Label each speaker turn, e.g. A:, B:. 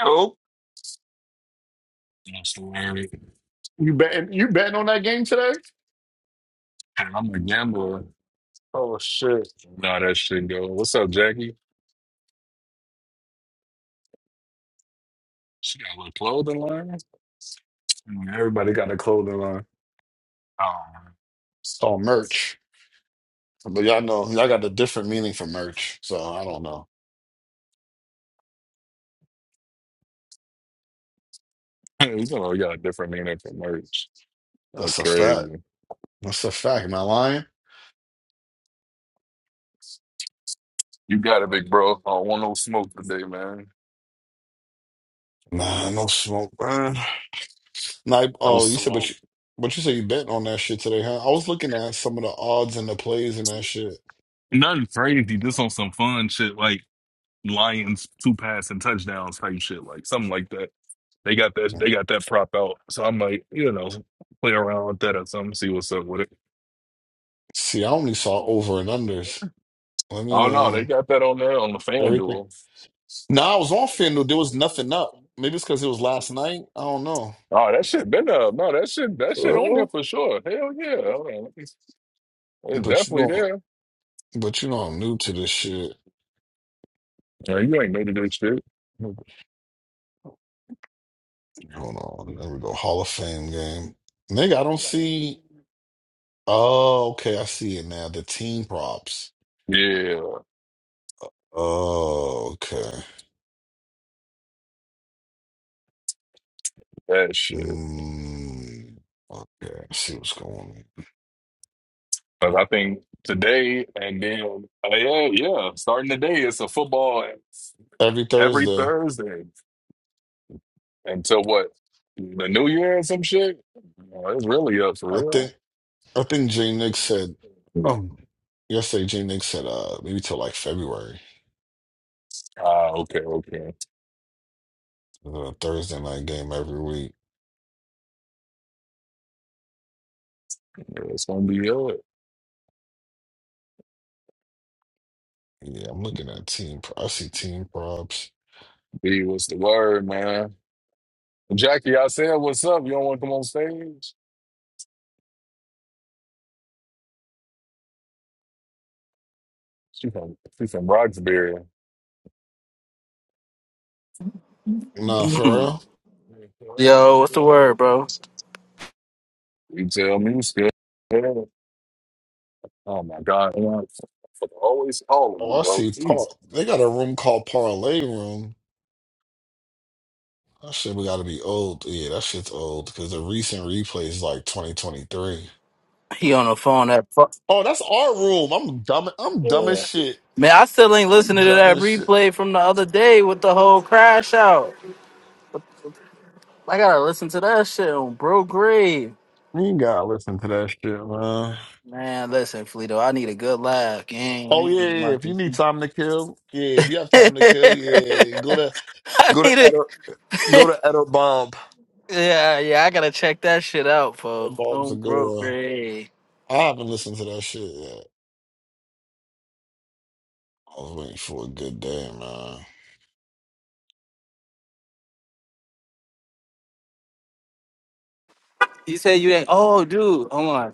A: Oh,
B: That's the word.
A: you betting? You betting on that game today?
B: And I'm a gambler.
A: Oh shit!
B: No, that shit go. What's up, Jackie? She got a little clothing line.
A: Mm, Everybody got a clothing line.
B: Oh,
A: It's called merch, but y'all know y'all got a different meaning for merch. So I don't know.
B: you know, you got a different meaning for merch. Like
A: That's a fact.
B: crazy.
A: That's a fact. Am I lying?
B: You got it, big bro. I don't want no smoke today, man.
A: Nah, no smoke, man. Nah,
B: No
A: oh, you said, but
B: smoke.
A: you, but you said you betting on that shit today, huh? I was looking at some of the odds and the plays and that shit.
B: Nothing crazy. Just on some fun shit, like Lions two pass and touchdowns type shit, like something like that. They got that. They got that prop out. So I might, you know, play around with that or something. See what's up with
A: See, I only saw over and
B: it.
A: unders. Let me,
B: Oh no, they
A: um,
B: got that on there on the
A: everything.
B: FanDuel.
A: No, I was on FanDuel. There was nothing up. Maybe it's because it was last night. I don't know.
B: Oh, that shit been up. No, that shit that shit on there
A: Well,
B: for sure. Hell yeah. Hold on, let me see. It's
A: But you
B: definitely
A: know,
B: there.
A: but you know, I'm new to this shit.
B: Yeah, you ain't new to this shit.
A: Hold on, there we go. Hall of Fame game, nigga. I don't see. Oh, okay, I see it now. The team props.
B: Yeah,
A: Oh, okay.
B: that shit.
A: Mm, okay, I see what's going on.
B: 'Cause I think today and then uh, yeah, yeah. Starting today, it's a football
A: Every
B: every
A: Thursday,
B: Thursday until what? The New Year or some shit? Oh, it's really up for
A: I
B: real.
A: think. I think J Nick said. Um, yesterday, J Nick said, uh, maybe till like February.
B: Ah, okay, okay.
A: Uh, Thursday night game every week.
B: Yeah, It's gonna be good.
A: Yeah, I'm looking at team. Pro- I see team props.
B: B, what's the word, man? Jackie, I said, what's up? You don't want to come on stage? She from she from Roxbury.
A: Nah, for
C: Mhm.
A: real.
B: You
C: Yo, what's the word, bro?
B: tell me, you scared. Oh my God, man. I fucking always calling you,
A: Oh, I
B: bro.
A: see.
B: Jesus.
A: Par- they got a room called Parlay Room. That shit, we gotta be old. Yeah, that shit's old because the recent replay is like 2023.
C: He on the phone. That fuck.
A: Oh, that's our room. I'm dumb. I'm dumb as
C: Yeah.
A: shit.
C: Man, I still ain't
A: I'm
C: listening to
A: dumb
C: that
A: as shit.
C: replay from the other day with the whole crash out. I gotta listen to that shit on bro grave.
A: You ain't gotta listen to that shit, man.
C: Man, listen, Fleeto, I need a good laugh, gang. I
A: Oh yeah, yeah.
C: ain't
A: yeah.
C: gonna lie
A: If
C: to
A: you need
C: you.
A: time to kill, yeah. If you have time to kill, yeah. Go to
C: I
A: go to
C: need it.
A: Eder, go to Eder Bomb.
C: yeah, yeah, I gotta check that shit out,
A: Eder
C: folks.
A: Bomb's
C: On
A: a
C: bro
A: good one.
C: grave.
A: I haven't listened to that shit yet. I was waiting for a good day, man.
C: You said you ain't. Oh, dude, hold on.